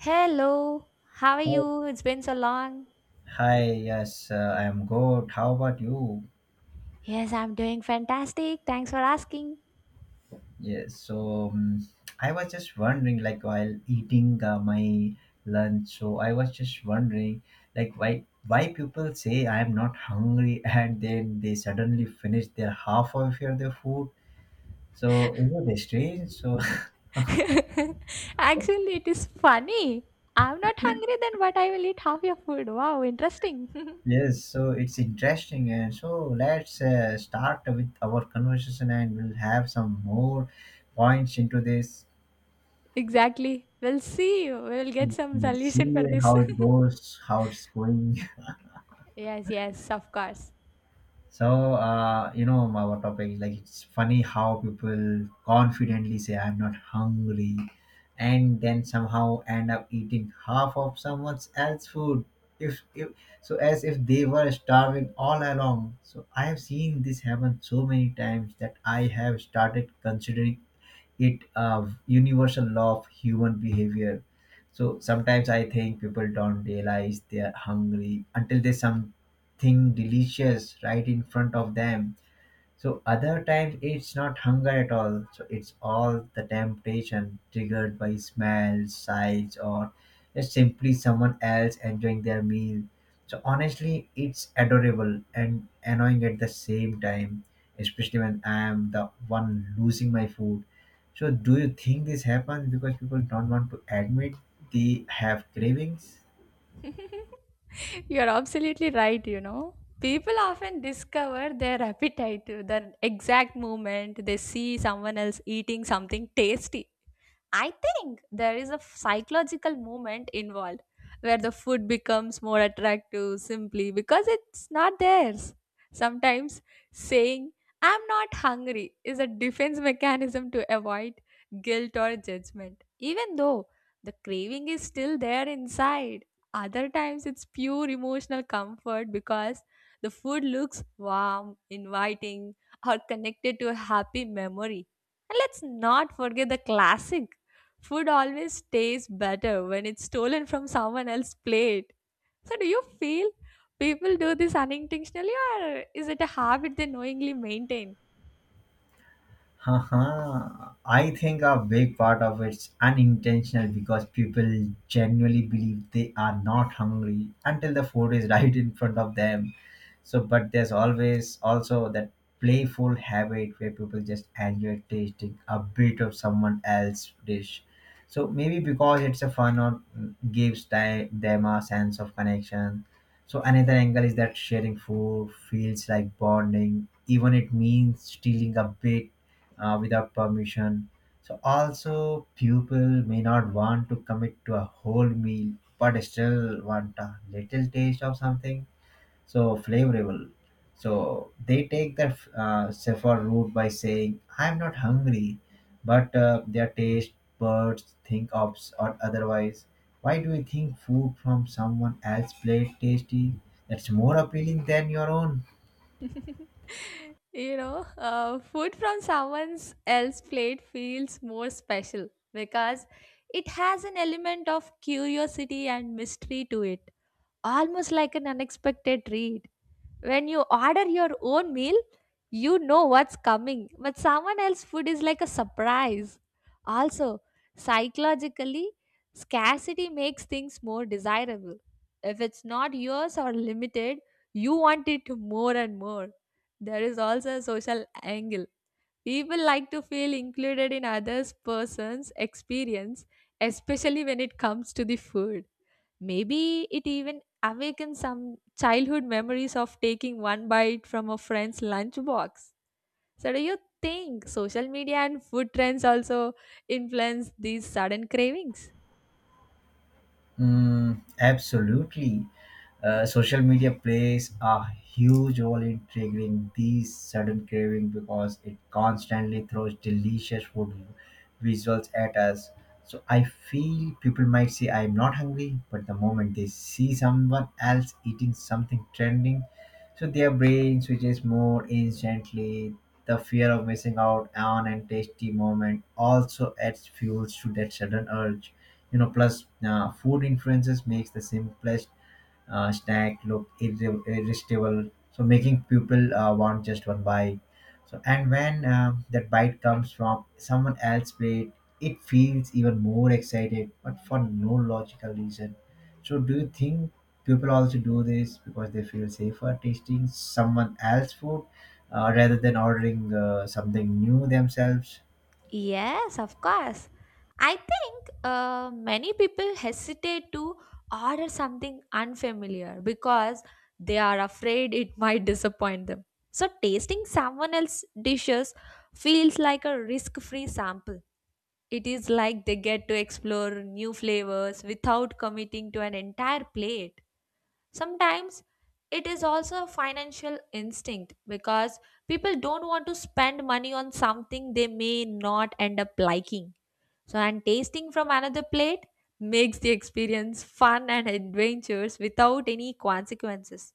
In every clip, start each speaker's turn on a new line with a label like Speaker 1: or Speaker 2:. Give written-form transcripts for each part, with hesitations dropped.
Speaker 1: Hello, how are
Speaker 2: Oh,
Speaker 1: you? It's been so long.
Speaker 2: hi. Yes, I'm good. How about you?
Speaker 1: Yes, I'm doing fantastic. Thanks for asking.
Speaker 2: Yes. So, I was just wondering, like while eating my lunch, so I was just wondering, like why people say I'm not hungry and then they suddenly finish their half of your their food. So is it strange? So
Speaker 1: Actually, it is funny. I'm not hungry, then but I will eat half your food. Wow, interesting.
Speaker 2: yes. So it's interesting, and so let's start with our conversation, and we'll have some more points into this.
Speaker 1: Exactly. We'll see. We'll get some
Speaker 2: We'll
Speaker 1: solution for
Speaker 2: see
Speaker 1: this.
Speaker 2: how it goes, how it's going.
Speaker 1: Yes, yes, of course.
Speaker 2: So, you know, our topic, like, it's funny how people confidently say, I'm not hungry, and then somehow end up eating half of someone else's food. If so, as if they were starving all along. So, I have seen this happen so many times that I have started considering it universal law of human behavior. So sometimes I think people don't realize they are hungry until there's something delicious right in front of them. So other times it's not hunger at all. So it's all the temptation triggered by smell, sights, or just simply someone else enjoying their meal. So honestly, it's adorable and annoying at the same time, especially when I am the one losing my food. So do you think this happens because people don't want to admit they have cravings?
Speaker 1: You're absolutely right, you know. People often discover their appetite, the exact moment they see someone else eating something tasty. I think there is a psychological moment involved where the food becomes more attractive simply because it's not theirs. Sometimes saying, "I'm not hungry," is a defense mechanism to avoid guilt or judgment, even though the craving is still there inside. Other times it's pure emotional comfort because the food looks warm, inviting, or connected to a happy memory. And let's not forget the classic: food always tastes better when it's stolen from someone else's plate. So, do you feel people do this unintentionally, or is it a habit they knowingly maintain?
Speaker 2: Haha. I think a big part of it's unintentional because people genuinely believe they are not hungry until the food is right in front of them. So but there's always also that playful habit where people just enjoy tasting a bit of someone else's dish. So maybe because it's a fun or gives them a sense of connection. So another angle is that sharing food feels like bonding even it means stealing a bit without permission. So also people may not want to commit to a whole meal but still want a little taste of something so flavorable. So they take that saffron route by saying, "I'm not hungry," but their taste buds think of or otherwise. Why do you think food from someone else's plate tasty? That's more appealing than your own.
Speaker 1: Food from someone's else plate feels more special because it has an element of curiosity and mystery to it, almost like an unexpected treat. When you order your own meal, you know what's coming, but someone else's food is like a surprise. Also, psychologically, scarcity makes things more desirable. If it's not yours or limited, you want it more and more. There is also a social angle. People like to feel included in others' person's experience, especially when it comes to the food. Maybe it even awakens some childhood memories of taking one bite from a friend's lunchbox. So, do you think social media and food trends also influence these sudden cravings?
Speaker 2: Mm, absolutely. Social media plays a huge role in triggering these sudden craving because it constantly throws delicious food visuals at us. So I feel people might say I'm not hungry, but the moment they see someone else eating something trending, so their brain switches more instantly. The fear of missing out on and tasty moment also adds fuels to that sudden urge. You know, plus food influences makes the simplest snack look irresistible, so making people want just one bite. So and when that bite comes from someone else's plate, it feels even more excited but for no logical reason. So do you think people also do this because they feel safer tasting someone else's food rather than ordering something new themselves?
Speaker 1: Yes, of course. I think many people hesitate to order something unfamiliar because they are afraid it might disappoint them. So, tasting someone else's dishes feels like a risk free sample. It is like they get to explore new flavors without committing to an entire plate. Sometimes it is also a financial instinct because people don't want to spend money on something they may not end up liking. So, and tasting from another plate makes the experience fun and adventurous without any consequences.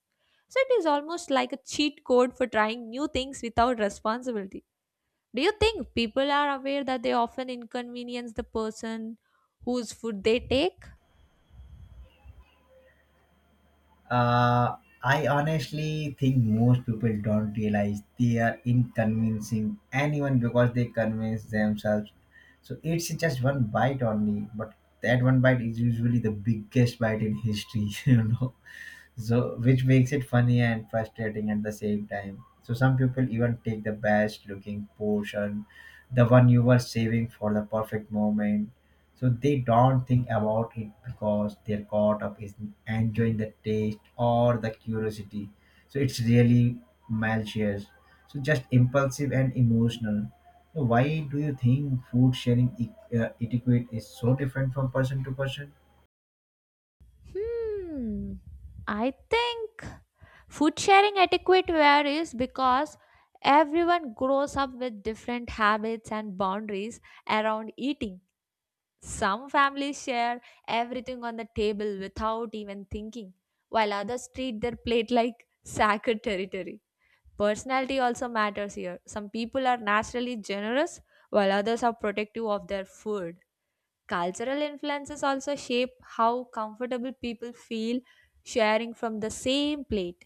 Speaker 1: So, it is almost like a cheat code for trying new things without responsibility. Do you think people are aware that they often inconvenience the person whose food they take?
Speaker 2: Uh, I honestly think most people don't realize they are inconveniencing anyone because they convince themselves. So it's just one bite only, but that one bite is usually the biggest bite in history, you know. So which makes it funny and frustrating at the same time. So some people even take the best looking portion, the one you were saving for the perfect moment. So they don't think about it because they're caught up in enjoying the taste or the curiosity. So it's really malicious, so just impulsive and emotional. So why do you think food sharing etiquette is so different from person to person?
Speaker 1: Hmm. I think food sharing etiquette varies because everyone grows up with different habits and boundaries around eating. Some families share everything on the table without even thinking, while others treat their plate like sacred territory. Personality also matters here. Some people are naturally generous, while others are protective of their food. Cultural influences also shape how comfortable people feel sharing from the same plate.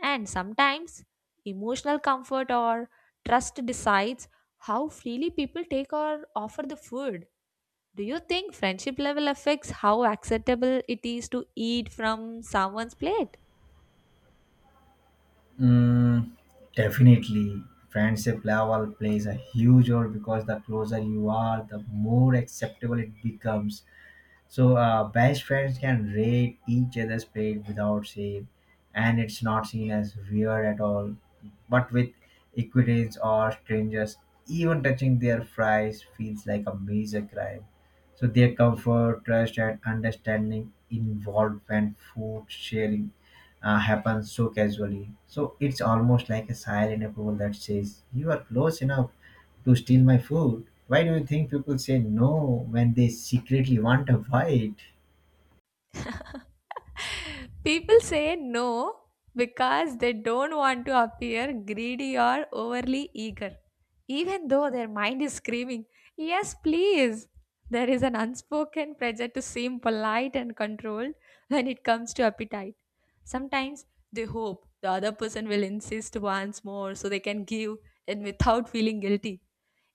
Speaker 1: And sometimes, emotional comfort or trust decides how freely people take or offer the food. Do you think friendship level affects how acceptable it is to eat from someone's plate?
Speaker 2: Mm, definitely. Friendship level plays a huge role because the closer you are, the more acceptable it becomes. So best friends can rate each other's plate without shame, and it's not seen as weird at all. But with equities or strangers, even touching their fries feels like a major crime. So their comfort, trust, and understanding involved when food sharing happens so casually. So it's almost like a silent approval that says you are close enough to steal my food. Why do you think people say no when they secretly want a bite?
Speaker 1: People say no because they don't want to appear greedy or overly eager, even though their mind is screaming, "Yes, please." There is an unspoken pressure to seem polite and controlled when it comes to appetite. Sometimes they hope the other person will insist once more so they can give and without feeling guilty.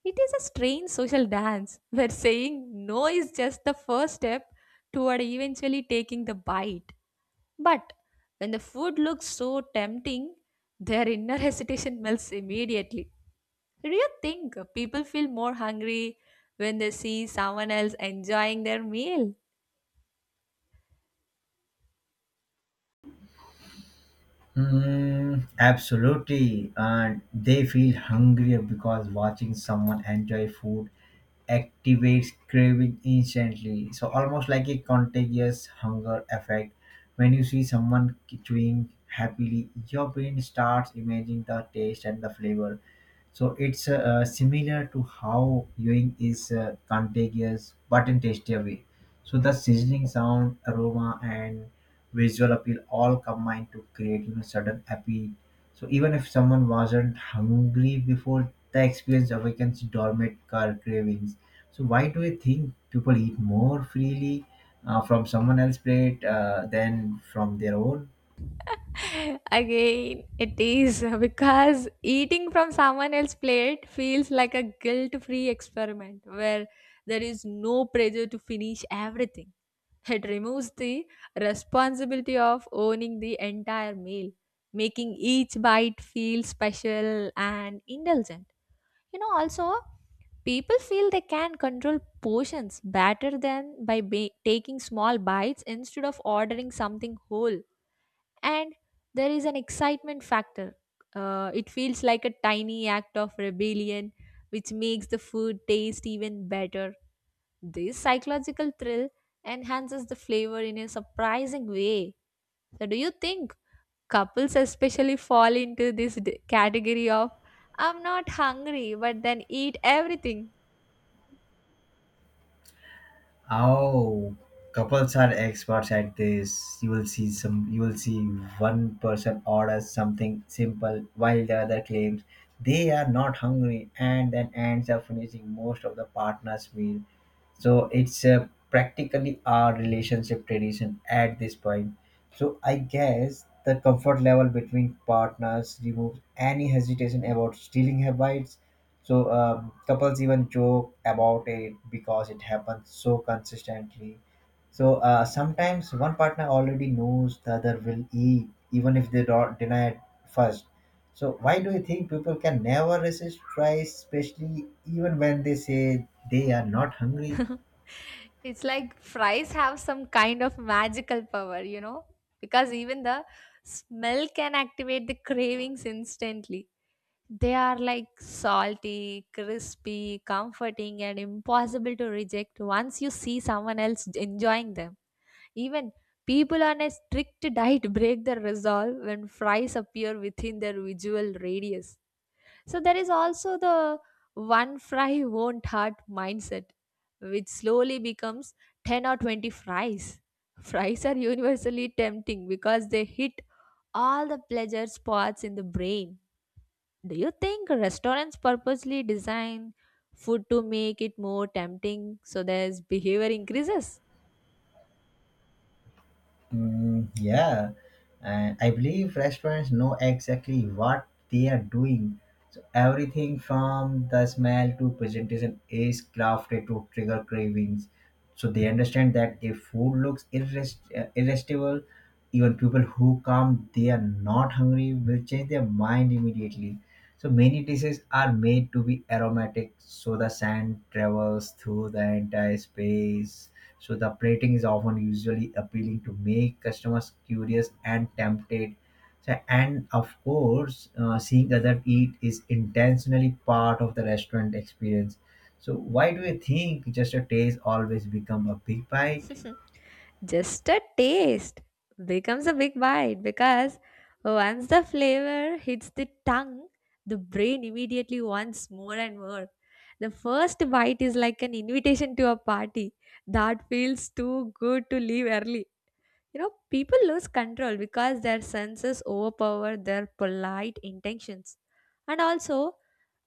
Speaker 1: It is a strange social dance where saying no is just the first step toward eventually taking the bite. But when the food looks so tempting, their inner hesitation melts immediately. Do you think people feel more hungry when they see someone else enjoying their meal?
Speaker 2: Mm, absolutely. And they feel hungrier because watching someone enjoy food activates craving instantly. So, almost like a contagious hunger effect. When you see someone chewing happily, your brain starts imagining the taste and the flavor. So it's similar to how viewing is contagious but in tastier way. So the sizzling sound, aroma, and visual appeal all combine to create you know sudden appeal. So even if someone wasn't hungry before, the experience awakens dormant car cravings. So why do you think people eat more freely from someone else's plate than from their own?
Speaker 1: Again, it is because eating from someone else's plate feels like a guilt free experiment where there is no pressure to finish everything. It removes the responsibility of owning the entire meal, making each bite feel special and indulgent. You know, also, people feel they can control portions better than by taking small bites instead of ordering something whole, and there is an excitement factor. It feels like a tiny act of rebellion, which makes the food taste even better. This psychological thrill enhances the flavor in a surprising way. So, do you think couples especially fall into this category of "I'm not hungry," but then eat everything?
Speaker 2: Oh, couples are experts at this. You will see some. You will see one person orders something simple while the other claims they are not hungry, and then ends up finishing most of the partner's meal. So it's practically our relationship tradition at this point. So I guess the comfort level between partners removes any hesitation about stealing her bites. So couples even joke about it because it happens so consistently. So sometimes one partner already knows the other will eat, even if they don't deny it first. So why do you think people can never resist tries, especially even when they say they are not hungry?
Speaker 1: It's like fries have some kind of magical power, you know, because even the smell can activate the cravings instantly. They are like salty, crispy, comforting, and impossible to reject once you see someone else enjoying them. Even people on a strict diet break their resolve when fries appear within their visual radius. So there is also the one fry won't hurt mindset, which slowly becomes 10 or 20 fries. Fries are universally tempting because they hit all the pleasure spots in the brain. Do you think restaurants purposely design food to make it more tempting so there's behavior increases?
Speaker 2: Mm, yeah, and I believe restaurants know exactly what they are doing. So everything from the smell to presentation is crafted to trigger cravings. So they understand that if food looks irresistible, even people who come they are not hungry will change their mind immediately. So many dishes are made to be aromatic, so the scent travels through the entire space. So the plating is often usually appealing to make customers curious and tempted. So, and of course, seeing others eat is intentionally part of the restaurant experience. So why do you think just a taste always become a big bite?
Speaker 1: Just a taste becomes a big bite because once the flavor hits the tongue, the brain immediately wants more and more. The first bite is like an invitation to a party that feels too good to leave early. You know, people lose control because their senses overpower their polite intentions. And also,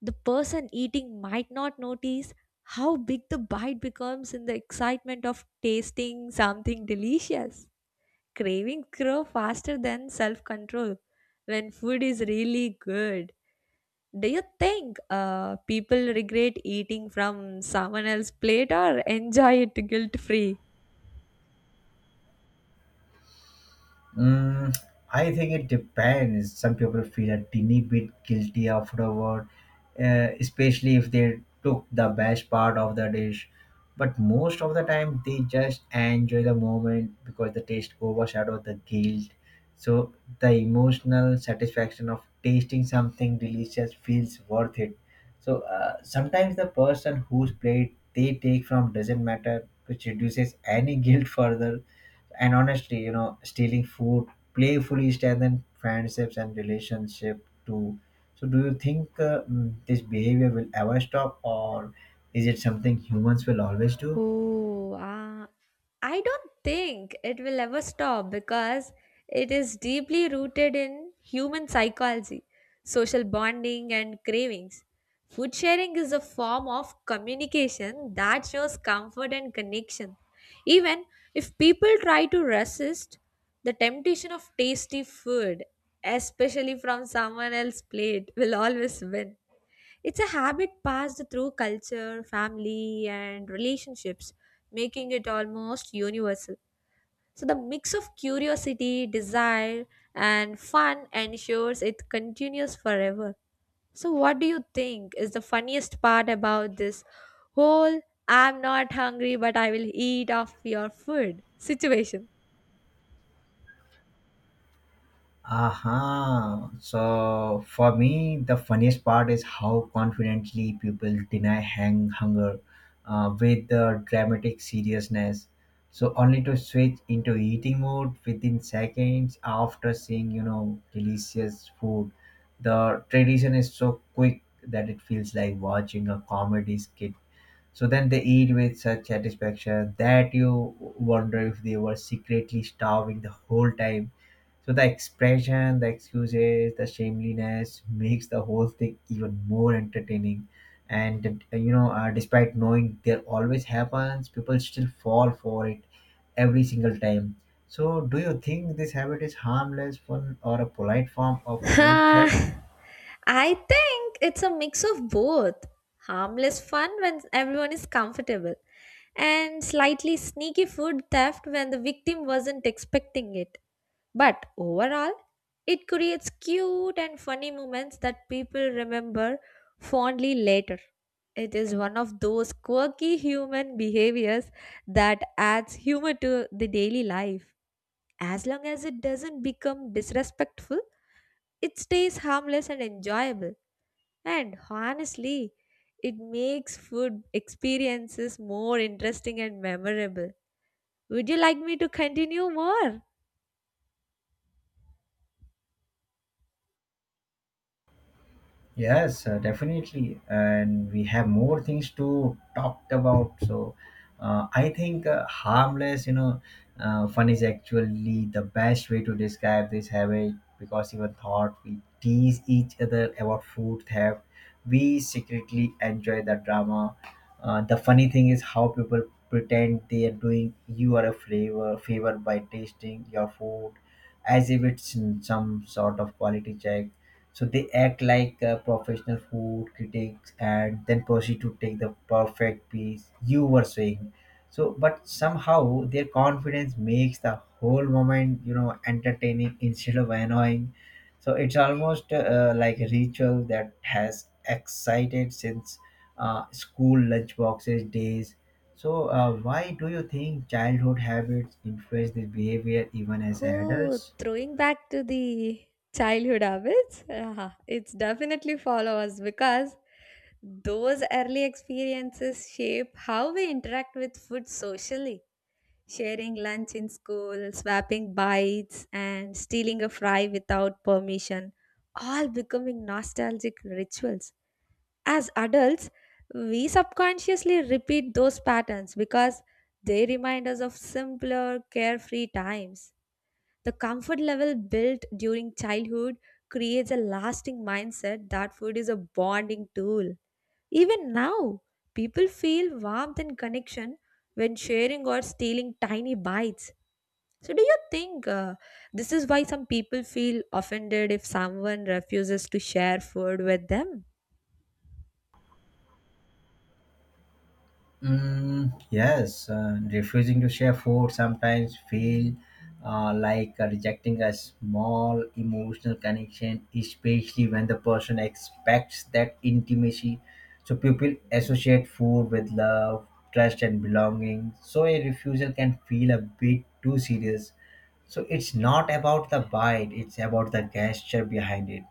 Speaker 1: the person eating might not notice how big the bite becomes in the excitement of tasting something delicious. Cravings grow faster than self control when food is really good. Do you think people regret eating from someone else's plate or enjoy it guilt free?
Speaker 2: Mm, I think it depends. Some people feel a teeny bit guilty afterward, especially if they took the best part of the dish. But most of the time, they just enjoy the moment because the taste overshadows the guilt. So the emotional satisfaction of tasting something delicious feels worth it. So sometimes the person whose plate they take from doesn't matter, which reduces any guilt further. And honestly, you know, stealing food playfully strengthens friendships and relationship too. So do you think this behavior will ever stop, or is it something humans will always do?
Speaker 1: Oh, ah, I don't think it will ever stop because it is deeply rooted in human psychology, social bonding, and cravings. Food sharing is a form of communication that shows comfort and connection. Even if people try to resist the temptation of tasty food, especially from someone else's plate, will always win. It's a habit passed through culture, family, and relationships, making it almost universal. So, the mix of curiosity, desire, and fun ensures it continues forever. So, what do you think is the funniest part about this whole "I'm not hungry but I will eat off your food" situation?
Speaker 2: Aha. So for me, the funniest part is how confidently people deny hang hunger with the dramatic seriousness. So only to switch into eating mode within seconds after seeing, you know, delicious food. The tradition is so quick that it feels like watching a comedy skit. So then they eat with such satisfaction that you wonder if they were secretly starving the whole time. So the expression, the excuses, the shameliness makes the whole thing even more entertaining. And you know, despite knowing there always happens, people still fall for it every single time. So, do you think this habit is harmless fun or a polite form of food theft?
Speaker 1: I think it's a mix of both: harmless fun when everyone is comfortable, and slightly sneaky food theft when the victim wasn't expecting it. But overall, it creates cute and funny moments that people remember fondly later. It is one of those quirky human behaviors that adds humor to the daily life. As long as it doesn't become disrespectful, it stays harmless and enjoyable. And honestly, it makes food experiences more interesting and memorable. Would you like me to continue more?
Speaker 2: Yes, definitely. And we have more things to talk about. So I think harmless, you know, fun is actually the best way to describe this habit because even thought we tease each other about food theft, we secretly enjoy the drama. The funny thing is how people pretend they are doing you are a favor by tasting your food as if it's some sort of quality check. So they act like professional food critics and then proceed to take the perfect piece you were saying. So, but somehow their confidence makes the whole moment, you know, entertaining instead of annoying. So it's almost like a ritual that has excited since school lunchboxes days. So, why do you think childhood habits influence this behavior even as
Speaker 1: Oh,
Speaker 2: adults?
Speaker 1: throwing back to the childhood habits, ah, it's definitely follow us because those early experiences shape how we interact with food socially. Sharing lunch in school, swapping bites, and stealing a fry without permission, all becoming nostalgic rituals. As adults, we subconsciously repeat those patterns because they remind us of simpler, carefree times. The comfort level built during childhood creates a lasting mindset that food is a bonding tool. Even now, people feel warmth and connection when sharing or stealing tiny bites. So, do you think this is why some people feel offended if someone refuses to share food with them?
Speaker 2: Mm, yes, refusing to share food sometimes feel like rejecting a small emotional connection, especially when the person expects that intimacy. So people associate food with love, trust, and belonging. So a refusal can feel a bit too serious. So it's not about the bite; it's about the gesture behind it.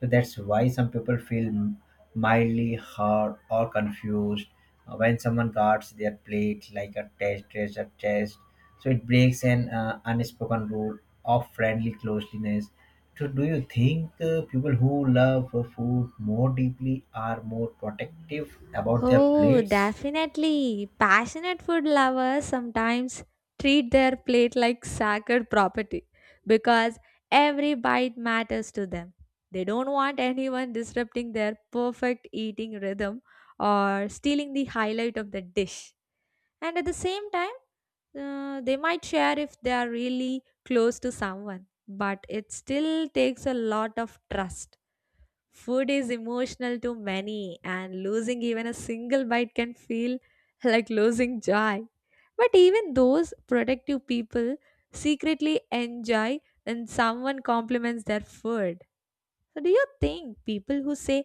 Speaker 2: So that's why some people feel mildly hurt or confused. When someone guards their plate like a test treasure chest, so it breaks an unspoken rule of friendly closeness. So, do you think people who love food more deeply are more protective about their
Speaker 1: Oh,
Speaker 2: plates?
Speaker 1: definitely. Passionate food lovers sometimes treat their plate like sacred property because every bite matters to them. They don't want anyone disrupting their perfect eating rhythm or stealing the highlight of the dish. And at the same time, they might share if they are really close to someone, but it still takes a lot of trust. Food is emotional to many, and losing even a single bite can feel like losing joy. But even those protective people secretly enjoy when someone compliments their food. So, do you think people who say,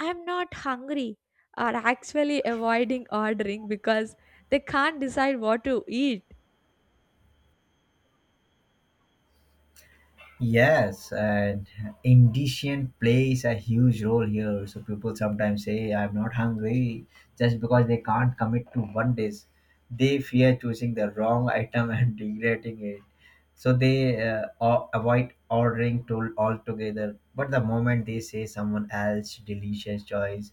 Speaker 1: "I'm not hungry," are actually avoiding ordering because they can't decide what to eat?
Speaker 2: Yes, and indigestion plays a huge role here. So people sometimes say, "I'm not hungry," just because they can't commit to one dish. They fear choosing the wrong item and regretting it, so they avoid ordering tool altogether. But the moment they say someone else delicious choice,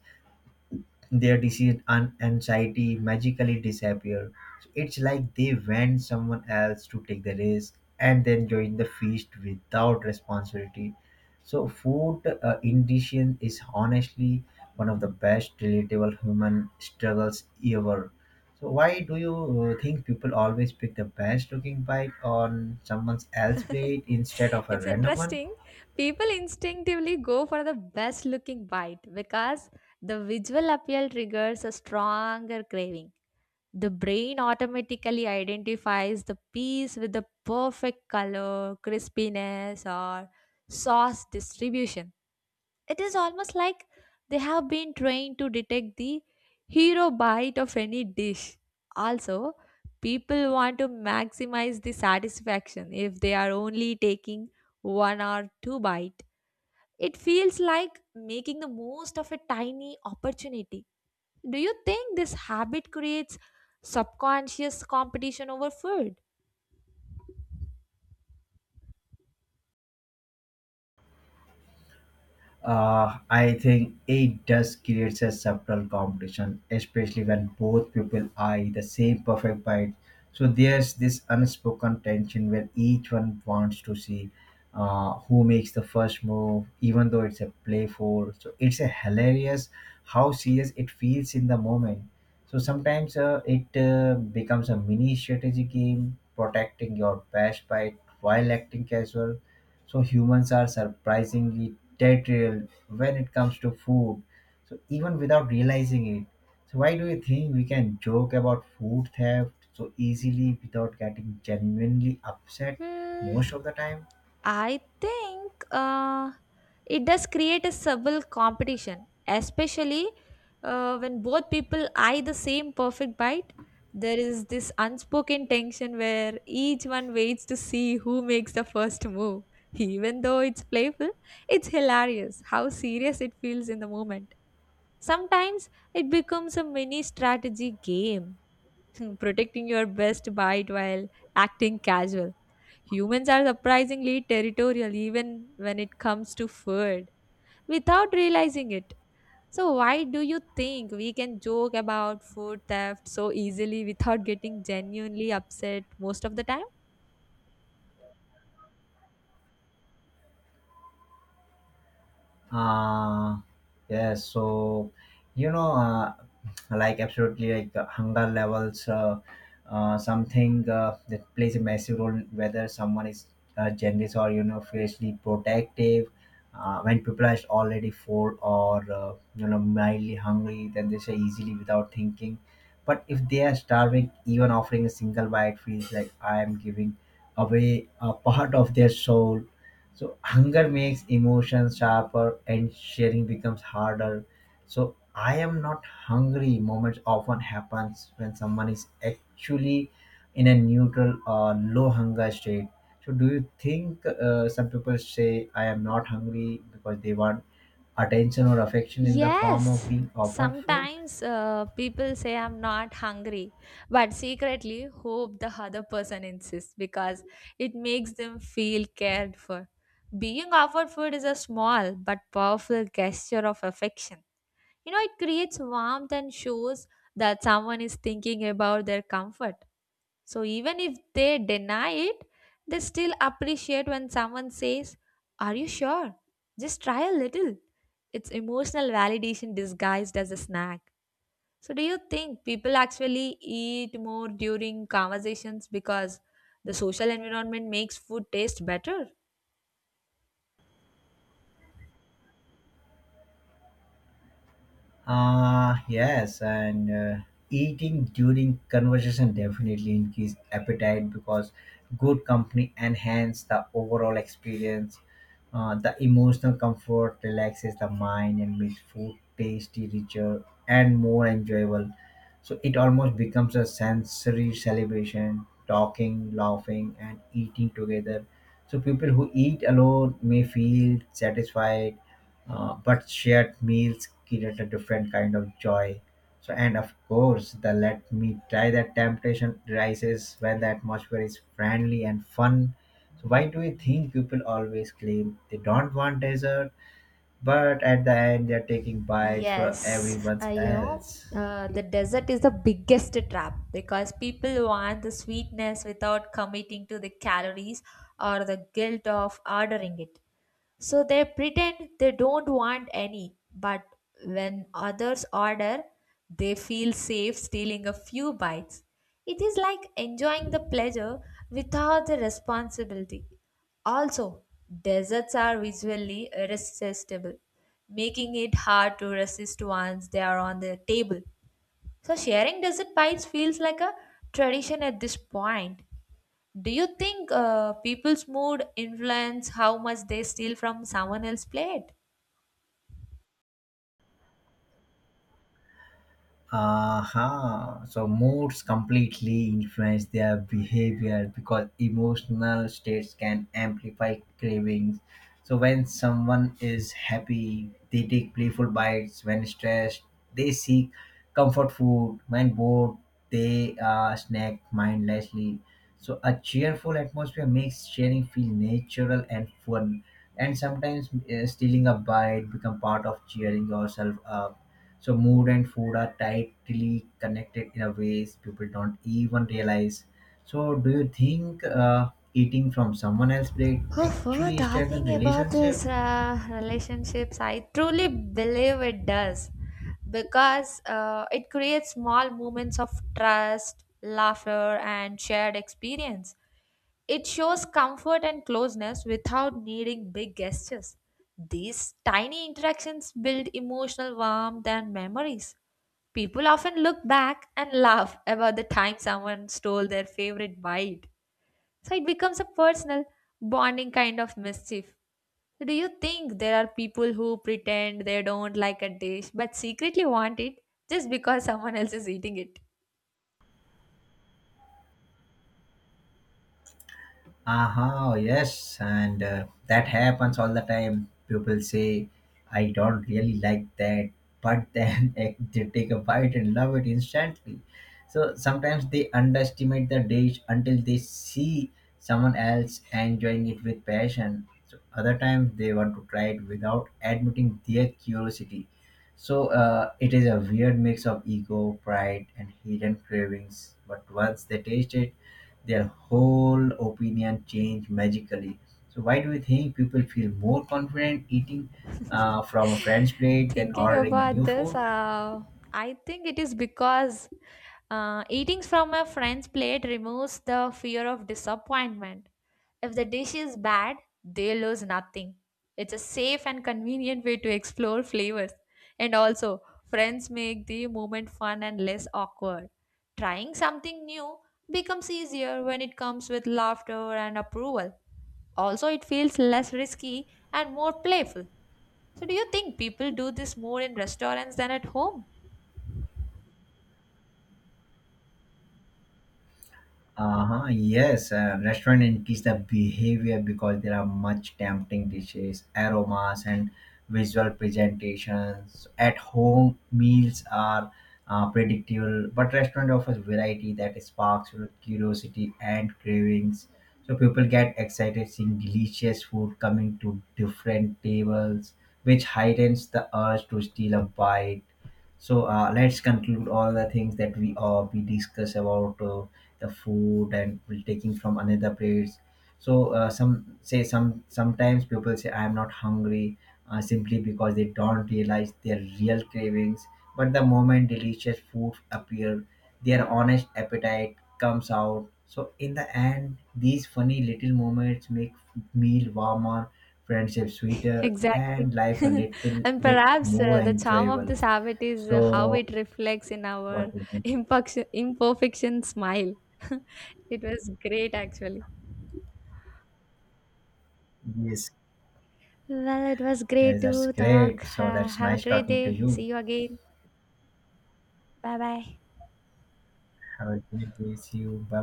Speaker 2: their disease and anxiety magically disappear. So it's like they want someone else to take the risk and then join the feast without responsibility. So food indigestion is honestly one of the best relatable human struggles ever. So why do you think people always pick the best looking bite on someone else's plate instead of a
Speaker 1: It's
Speaker 2: random one?
Speaker 1: interesting. People instinctively go for the best looking bite because the visual appeal triggers a stronger craving. The brain automatically identifies the piece with the perfect color, crispiness, or sauce distribution. It is almost like they have been trained to detect the hero bite of any dish. Also, people want to maximize the satisfaction if they are only taking one or two bite. It feels like making the most of a tiny opportunity. Do you think this habit creates subconscious competition over food?
Speaker 2: I think it does creates a subtle competition, especially when both people eye the same perfect bite. So there's this unspoken tension where each one wants to see who makes the first move, even though it's a playful. So it's a hilarious how serious it feels in the moment. So sometimes it becomes a mini strategy game, protecting your best bite while acting casual. So humans are surprisingly territorial when it comes to food. So even without realizing it. So why do you think we can joke about food theft so easily without getting genuinely upset
Speaker 1: Hmm,
Speaker 2: most of the time?
Speaker 1: I think it does create a subtle competition, especially when both people eye the same perfect bite. There is this unspoken tension where each one waits to see who makes the first move. Even though it's playful, it's hilarious how serious it feels in the moment. Sometimes it becomes a mini strategy game, protecting your best bite while acting casual. Humans are surprisingly territorial even when it comes to food without realizing it. So, why do you think we can joke about food theft so easily without getting genuinely upset most of the time?
Speaker 2: Uh, yes, so you know, uh, like absolutely, like hunger levels, something that plays a massive role in whether someone is generous or fiercely protective. When people are already full or mildly hungry, then they say easily without thinking. But if they are starving, even offering a single bite feels like I am giving away a part of their soul. So hunger makes emotions sharper and sharing becomes harder. So I am not hungry moments often happens when someone is actually in a neutral or low hunger state. So do you think some people say I am not hungry because they want attention or affection in the form of
Speaker 1: Yes,
Speaker 2: being offered food?
Speaker 1: sometimes people say, "I'm not hungry," but secretly hope the other person insists because it makes them feel cared for. Being offered food is a small but powerful gesture of affection. You know, it creates warmth and shows that someone is thinking about their comfort. So even if they deny it, they still appreciate when someone says, "Are you sure? Just try a little." It's emotional validation disguised as a snack. So, do you think people actually eat more during conversations because the social environment makes food taste better?
Speaker 2: Yes, and eating during conversation definitely increase appetite because good company enhance the overall experience. The emotional comfort relaxes the mind and makes food tasty, richer, and more enjoyable. So it almost becomes a sensory celebration, talking, laughing, and eating together. So people who eat alone may feel satisfied, but shared meals create a different kind of joy. So, and of course, the let me try that temptation rises when the atmosphere is friendly and fun. So, why do you think people always claim they don't want dessert, but at the end they're taking bites from
Speaker 1: Yes,
Speaker 2: everyone else?
Speaker 1: the desert is the biggest trap because people want the sweetness without committing to the calories or the guilt of ordering it. So they pretend they don't want any, but when others order, they feel safe stealing a few bites. It is like enjoying the pleasure without the responsibility. Also, desserts are visually irresistible, making it hard to resist once they are on the table. So, sharing dessert bites feels like a tradition at this point. Do you think people's mood influence how much they steal from someone else's plate?
Speaker 2: Aha. So moods completely influence their behavior because emotional states can amplify cravings. So when someone is happy, they take playful bites. When stressed, they seek comfort food. When bored, they snack mindlessly. So a cheerful atmosphere makes sharing feel natural and fun. And sometimes stealing a bite become part of cheering yourself up. So mood and food are tightly connected in a ways people don't even realize. So do you think eating from someone else's plate
Speaker 1: Oh, for
Speaker 2: actually strengthen
Speaker 1: talking about
Speaker 2: relationship?
Speaker 1: this relationships, I truly believe it does because it creates small moments of trust, laughter, and shared experience. It shows comfort and closeness without needing big gestures. These tiny interactions build emotional warmth and memories. People often look back and laugh about the time someone stole their favorite bite. So it becomes a personal, bonding kind of mischief. So, do you think there are people who pretend they don't like a dish but secretly want it just because someone else is eating it?
Speaker 2: Aha, yes, and that happens all the time. People say, I don't really like that, but then they take a bite and love it instantly. So sometimes they underestimate the dish until they see someone else enjoying it with passion. So other times they want to try it without admitting their curiosity. So it is a weird mix of ego, pride, and hidden cravings. But once they taste it, their whole opinion change magically. So why do you think people feel more confident eating from a friend's plate than
Speaker 1: Thinking
Speaker 2: ordering a
Speaker 1: about
Speaker 2: new
Speaker 1: this,
Speaker 2: food?
Speaker 1: I think it is because eating from a friend's plate removes the fear of disappointment. If the dish is bad, they lose nothing. It's a safe and convenient way to explore flavors. And also, friends make the moment fun and less awkward. Trying something new becomes easier when it comes with laughter and approval. Also, it feels less risky and more playful. So, do you think people do this more in restaurants than at home?
Speaker 2: Uh-huh, yes, restaurant increase the behavior because there are much tempting dishes, aromas, and visual presentations. At home, meals are predictable, but restaurant offers variety that sparks your curiosity and cravings. So people get excited seeing delicious food coming to different tables, which heightens the urge to steal a bite. So let's conclude all the things that we discuss about the food and we taking from another place. So sometimes people say I am not hungry simply because they don't realize their real cravings. But the moment delicious food appear, their honest appetite comes out. So in the end, these funny little moments make meal warmer, friendship sweeter,
Speaker 1: Exactly.
Speaker 2: and life a little
Speaker 1: And
Speaker 2: bit
Speaker 1: perhaps
Speaker 2: more
Speaker 1: the charm of
Speaker 2: enjoyable.
Speaker 1: this habit is how
Speaker 2: So
Speaker 1: it reflects in our
Speaker 2: what do you think?
Speaker 1: imperfection smile. It was great, actually.
Speaker 2: Yes,
Speaker 1: Well, it was
Speaker 2: yes,
Speaker 1: great
Speaker 2: that's
Speaker 1: to talk.
Speaker 2: great. So that's
Speaker 1: Have a
Speaker 2: nice
Speaker 1: great
Speaker 2: talking to
Speaker 1: day.
Speaker 2: you.
Speaker 1: See you again. Bye bye.
Speaker 2: Have a great day. See you. Bye